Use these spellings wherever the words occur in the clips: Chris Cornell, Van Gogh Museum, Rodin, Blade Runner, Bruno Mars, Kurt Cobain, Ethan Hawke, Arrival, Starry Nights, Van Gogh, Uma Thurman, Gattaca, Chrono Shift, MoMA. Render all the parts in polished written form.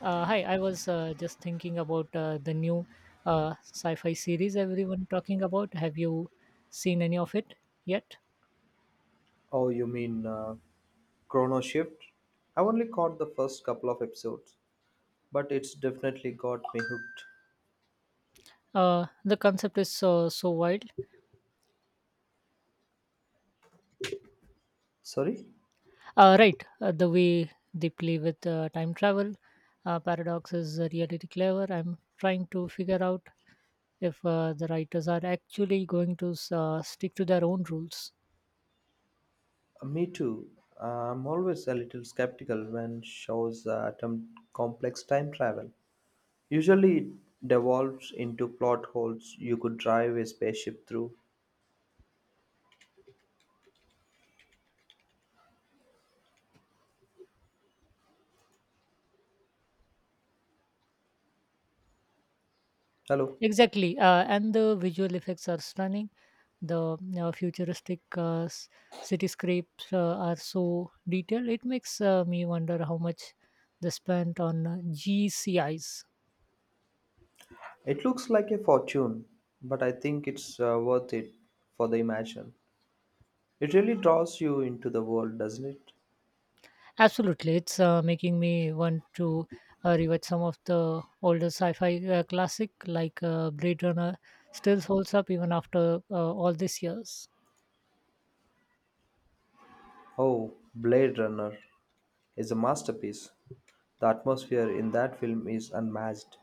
Hi, I was just thinking about the new sci-fi series everyone talking about. Have you seen any of it yet? Oh, you mean Chrono Shift? I only caught the first couple of episodes, but it's definitely got me hooked. The concept is so wild. Sorry? Right, the way they play with time travel paradox is really clever. I'm trying to figure out if the writers are actually going to stick to their own rules. Me too. I'm always a little skeptical when shows attempt complex time travel. Usually, it devolves into plot holes you could drive a spaceship through. Hello. Exactly, and the visual effects are stunning. The futuristic cityscapes are so detailed, it makes me wonder how much they spent on GCIs. It looks like a fortune, but I think it's worth it for the imagine. It really draws you into the world, doesn't it? Absolutely, it's making me want to rewatch some of the older sci-fi classic like Blade Runner. Still holds up even after all these years. Oh, Blade Runner. Is a masterpiece. The atmosphere in that film is unmatched.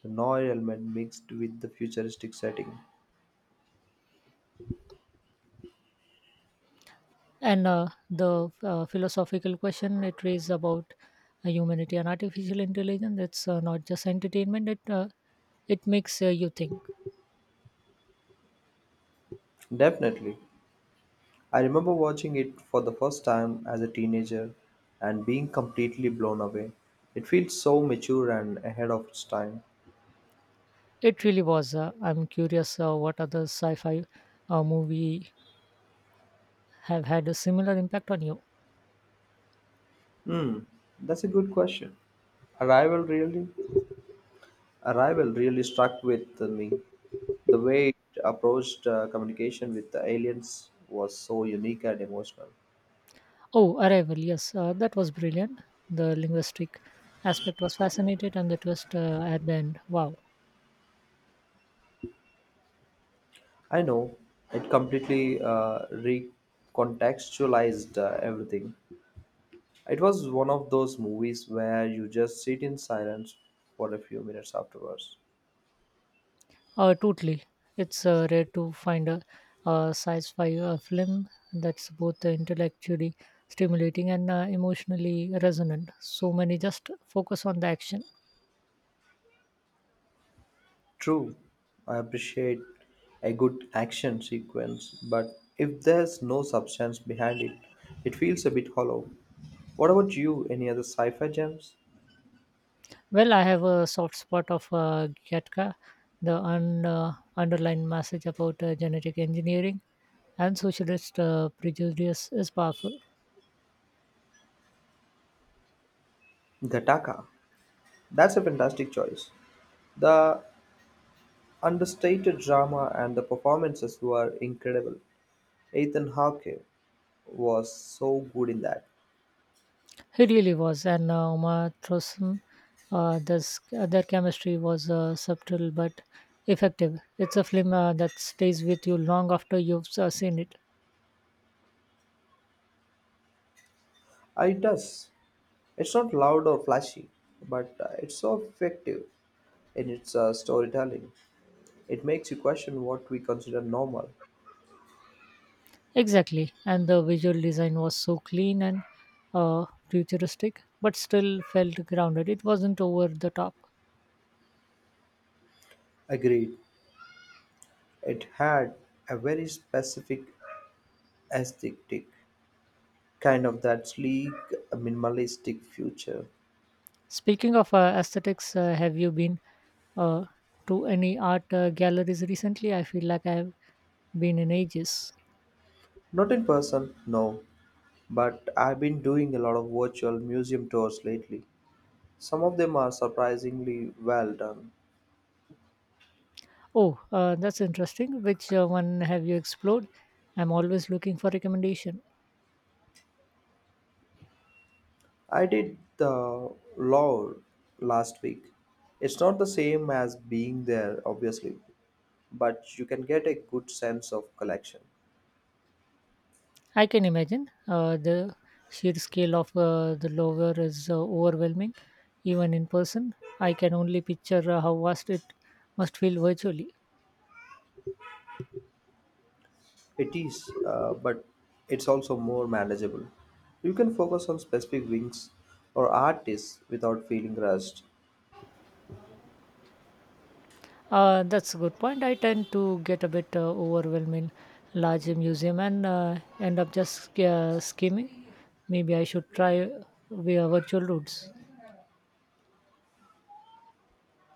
The noir element mixed with the futuristic setting. And the philosophical question it raises about humanity and artificial intelligence, it's not just entertainment. It makes you think. Definitely. I remember watching it for the first time as a teenager and being completely blown away. It feels so mature and ahead of its time. It really was. I'm curious what other sci-fi movie have had a similar impact on you. Hmm, that's a good question. Arrival really, Arrival really struck with me. The way it approached communication with the aliens was so unique and emotional. Oh, Arrival. Yes, that was brilliant. The linguistic aspect was fascinating, and the twist at the end. Wow. I know it completely recontextualized everything. It was one of those movies where you just sit in silence for a few minutes afterwards. Totally. It's rare to find a sci-fi film that's both intellectually stimulating and emotionally resonant. So many just focus on the action. True, I appreciate a good action sequence, but if there's no substance behind it, it feels a bit hollow. What about you? Any other sci-fi gems? Well, I have a soft spot of Gattaca, the underlying message about genetic engineering and socialist prejudice is powerful. Gattaca. That's a fantastic choice. The understated drama and the performances were incredible. Ethan Hawke was so good in that. He really was, and Uma Thurman, their chemistry was subtle but effective. It's a film that stays with you long after you've seen it. It does. It's not loud or flashy, but it's so effective in its storytelling. It makes you question what we consider normal. Exactly, and the visual design was so clean and futuristic, but still felt grounded. It wasn't over the top. Agreed. It had a very specific aesthetic, kind of that sleek, minimalistic future. Speaking of aesthetics, have you been uh, to any art galleries recently? I feel like I have been in ages. Not in person, no, but I've been doing a lot of virtual museum tours lately. Some of them are surprisingly well done. Oh, that's interesting. Which one have you explored? I'm always looking for recommendation. I did the law last week. It's not the same as being there, obviously, but you can get a good sense of collection. I can imagine the sheer scale of the lower is overwhelming, even in person. I can only picture how vast it must feel virtually. It is, but it's also more manageable. You can focus on specific wings or artists without feeling rushed. That's a good point. I tend to get a bit overwhelmed in large museum and end up just skimming. Maybe I should try via virtual routes.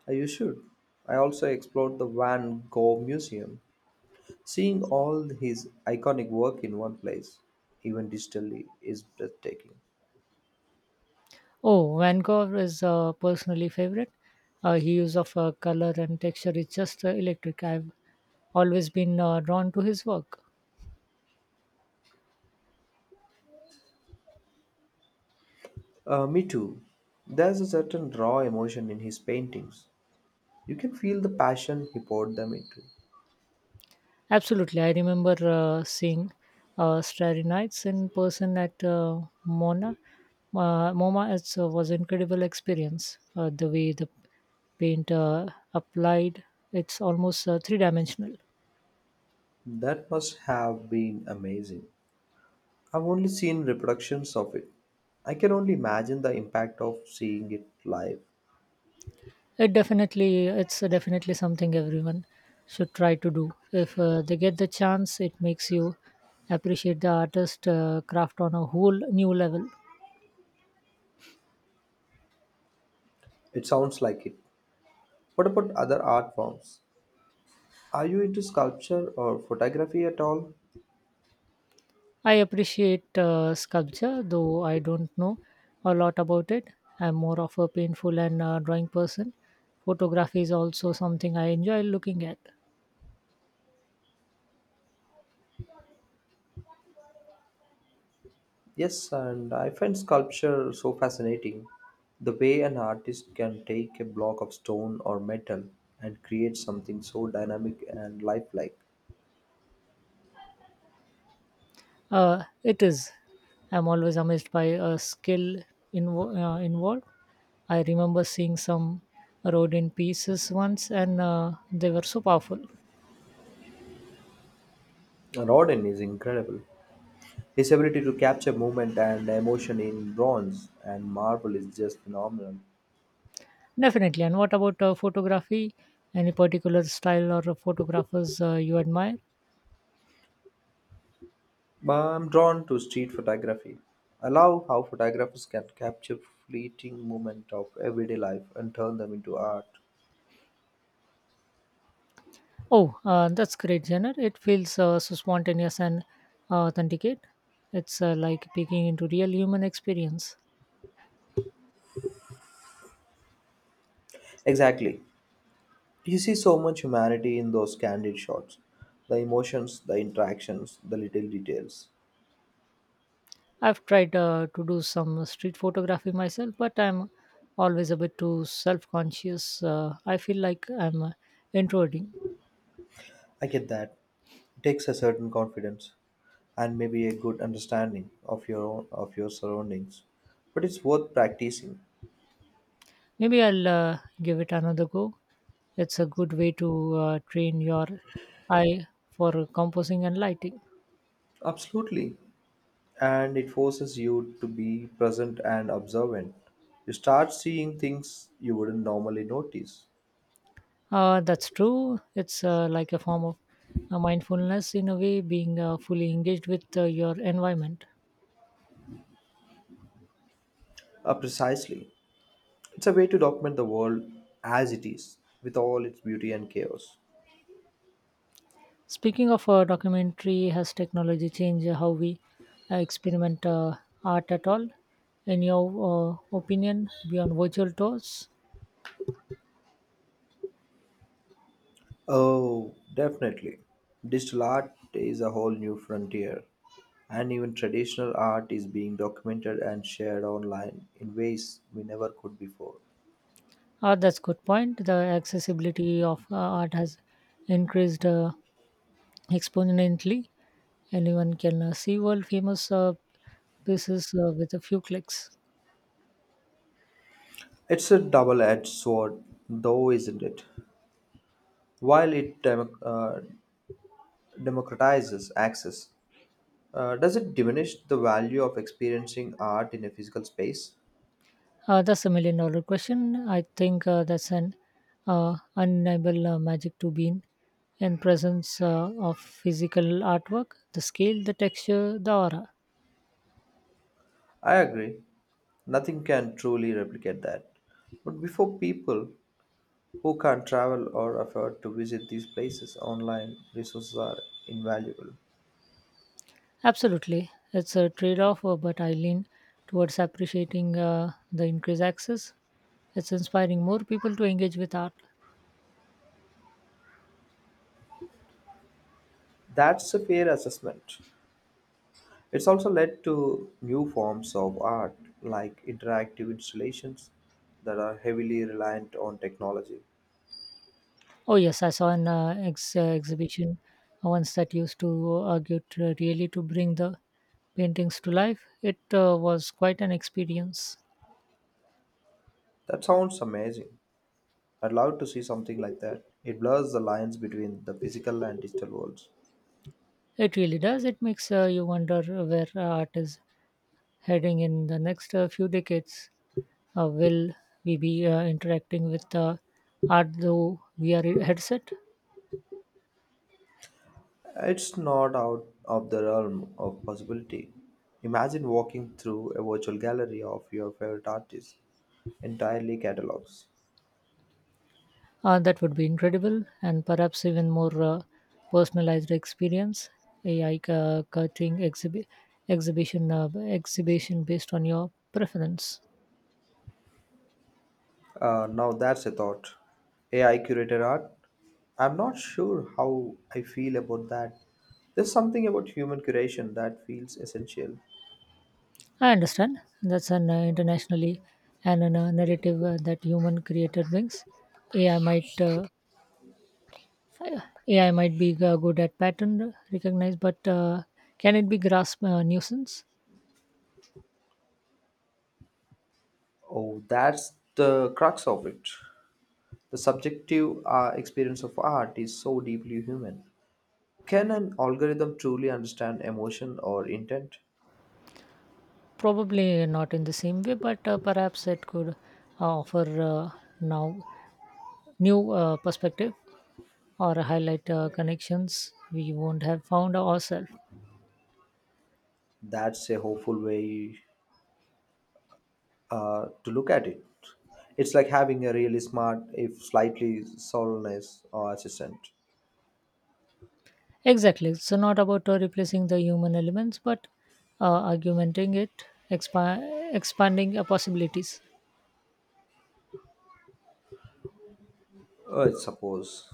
You should. I also explored the Van Gogh Museum. Seeing all his iconic work in one place, even digitally, is breathtaking. Oh, Van Gogh is personally favorite. His use of color and texture is just electric. I've always been drawn to his work. Me too. There's a certain raw emotion in his paintings. You can feel the passion he poured them into. Absolutely. I remember seeing Starry Nights in person at Mona. MoMA it's, was incredible experience. The way the paint applied, it's almost three dimensional. That must have been amazing. I've only seen reproductions of it. I can only imagine the impact of seeing it live. It's definitely something everyone should try to do. If they get the chance, it makes you appreciate the artist craft on a whole new level. It sounds like it. What about other art forms? Are you into sculpture or photography at all? I appreciate sculpture, though I don't know a lot about it. I'm more of a painful and drawing person. Photography is also something I enjoy looking at. Yes, and I find sculpture so fascinating. The way an artist can take a block of stone or metal and create something so dynamic and lifelike. It is. I'm always amazed by a skill involved. I remember seeing some rodent pieces once, and they were so powerful. Rodin is incredible. His ability to capture movement and emotion in bronze and marble is just phenomenal. Definitely. And what about photography? Any particular style or photographers you admire? But I'm drawn to street photography. I love how photographers can capture fleeting moment of everyday life and turn them into art. Oh, that's great, Jenner. It feels so spontaneous and authenticate. It's like peeking into real human experience. Exactly. You see so much humanity in those candid shots. The emotions, the interactions, the little details. I've tried to do some street photography myself, but I'm always a bit too self-conscious. I feel like I'm introverting. I get that. It takes a certain confidence and maybe a good understanding of your own, of your surroundings. But it's worth practicing. Maybe I'll give it another go. It's a good way to train your eye for composing and lighting. Absolutely. And it forces you to be present and observant. You start seeing things you wouldn't normally notice. That's true. It's like a form of mindfulness in a way, being fully engaged with your environment. Precisely. It's a way to document the world as it is, with all its beauty and chaos. Speaking of documentary, has technology changed how we experiment art at all? In your opinion, beyond virtual tours? Oh, definitely. Digital art is a whole new frontier, and even traditional art is being documented and shared online in ways we never could before. That's good point. The accessibility of art has increased exponentially. Anyone can see world famous pieces with a few clicks. It's a double edged sword, though, isn't it? While it democratizes access, does it diminish the value of experiencing art in a physical space? That's a million dollar question. I think that's an undeniable magic to be in presence of physical artwork, the scale, the texture, the aura. I agree. Nothing can truly replicate that. But before people Who can't travel or afford to visit these places, online resources are invaluable. Absolutely. It's a trade off, but I lean towards appreciating the increased access. It's inspiring more people to engage with art. That's a fair assessment. It's also led to new forms of art, like interactive installations that are heavily reliant on technology. Oh, yes, I saw an exhibition once that used to argue to, really to bring the paintings to life. It was quite an experience. That sounds amazing. I'd love to see something like that. It blurs the lines between the physical and digital worlds. It really does. It makes you wonder where art is heading in the next few decades. Will we be interacting with art through VR headset? It's not out of the realm of possibility. Imagine walking through a virtual gallery of your favorite artists, entirely catalogs. That would be incredible, and perhaps even more personalized experience. AI cutting exhibition based on your preference. Now that's a thought. AI curated art? I'm not sure how I feel about that. There's something about human curation that feels essential. I understand. That's an internationally and narrative that human created brings. AI might uh, Uh, AI might be good at pattern recognize, but can it be grasp nuisance? Oh, that's the crux of it. The subjective experience of art is so deeply human. Can an algorithm truly understand emotion or intent? Probably not in the same way, but perhaps it could offer now new perspective or highlight connections we won't have found ourselves. That's a hopeful way to look at it. It's like having a really smart, if slightly soulless, or assistant. Exactly. So not about replacing the human elements, but augmenting it, expanding possibilities. I suppose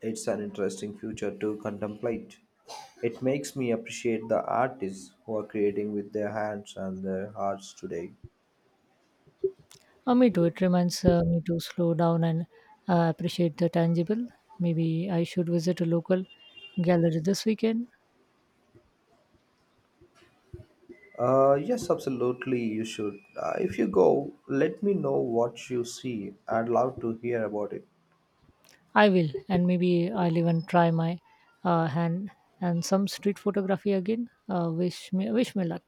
it's an interesting future to contemplate. It makes me appreciate the artists who are creating with their hands and their hearts today. Me too. It reminds me to slow down and appreciate the tangible. Maybe I should visit a local gallery this weekend. Yes, absolutely, you should. If you go, let me know what you see. I'd love to hear about it. I will, and maybe I'll even try my hand and some street photography again. Wish me luck.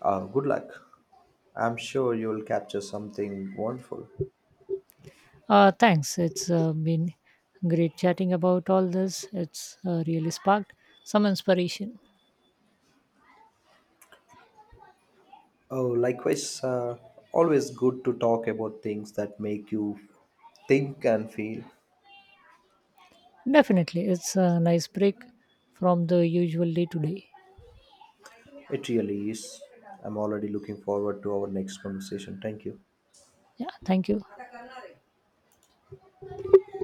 Good luck. I'm sure you'll capture something wonderful. Thanks. It's been great chatting about all this. It's really sparked some inspiration. Oh, likewise, always good to talk about things that make you think and feel. Definitely, it's a nice break from the usual day to day. It really is. I'm already looking forward to our next conversation. Thank you. Yeah, thank you.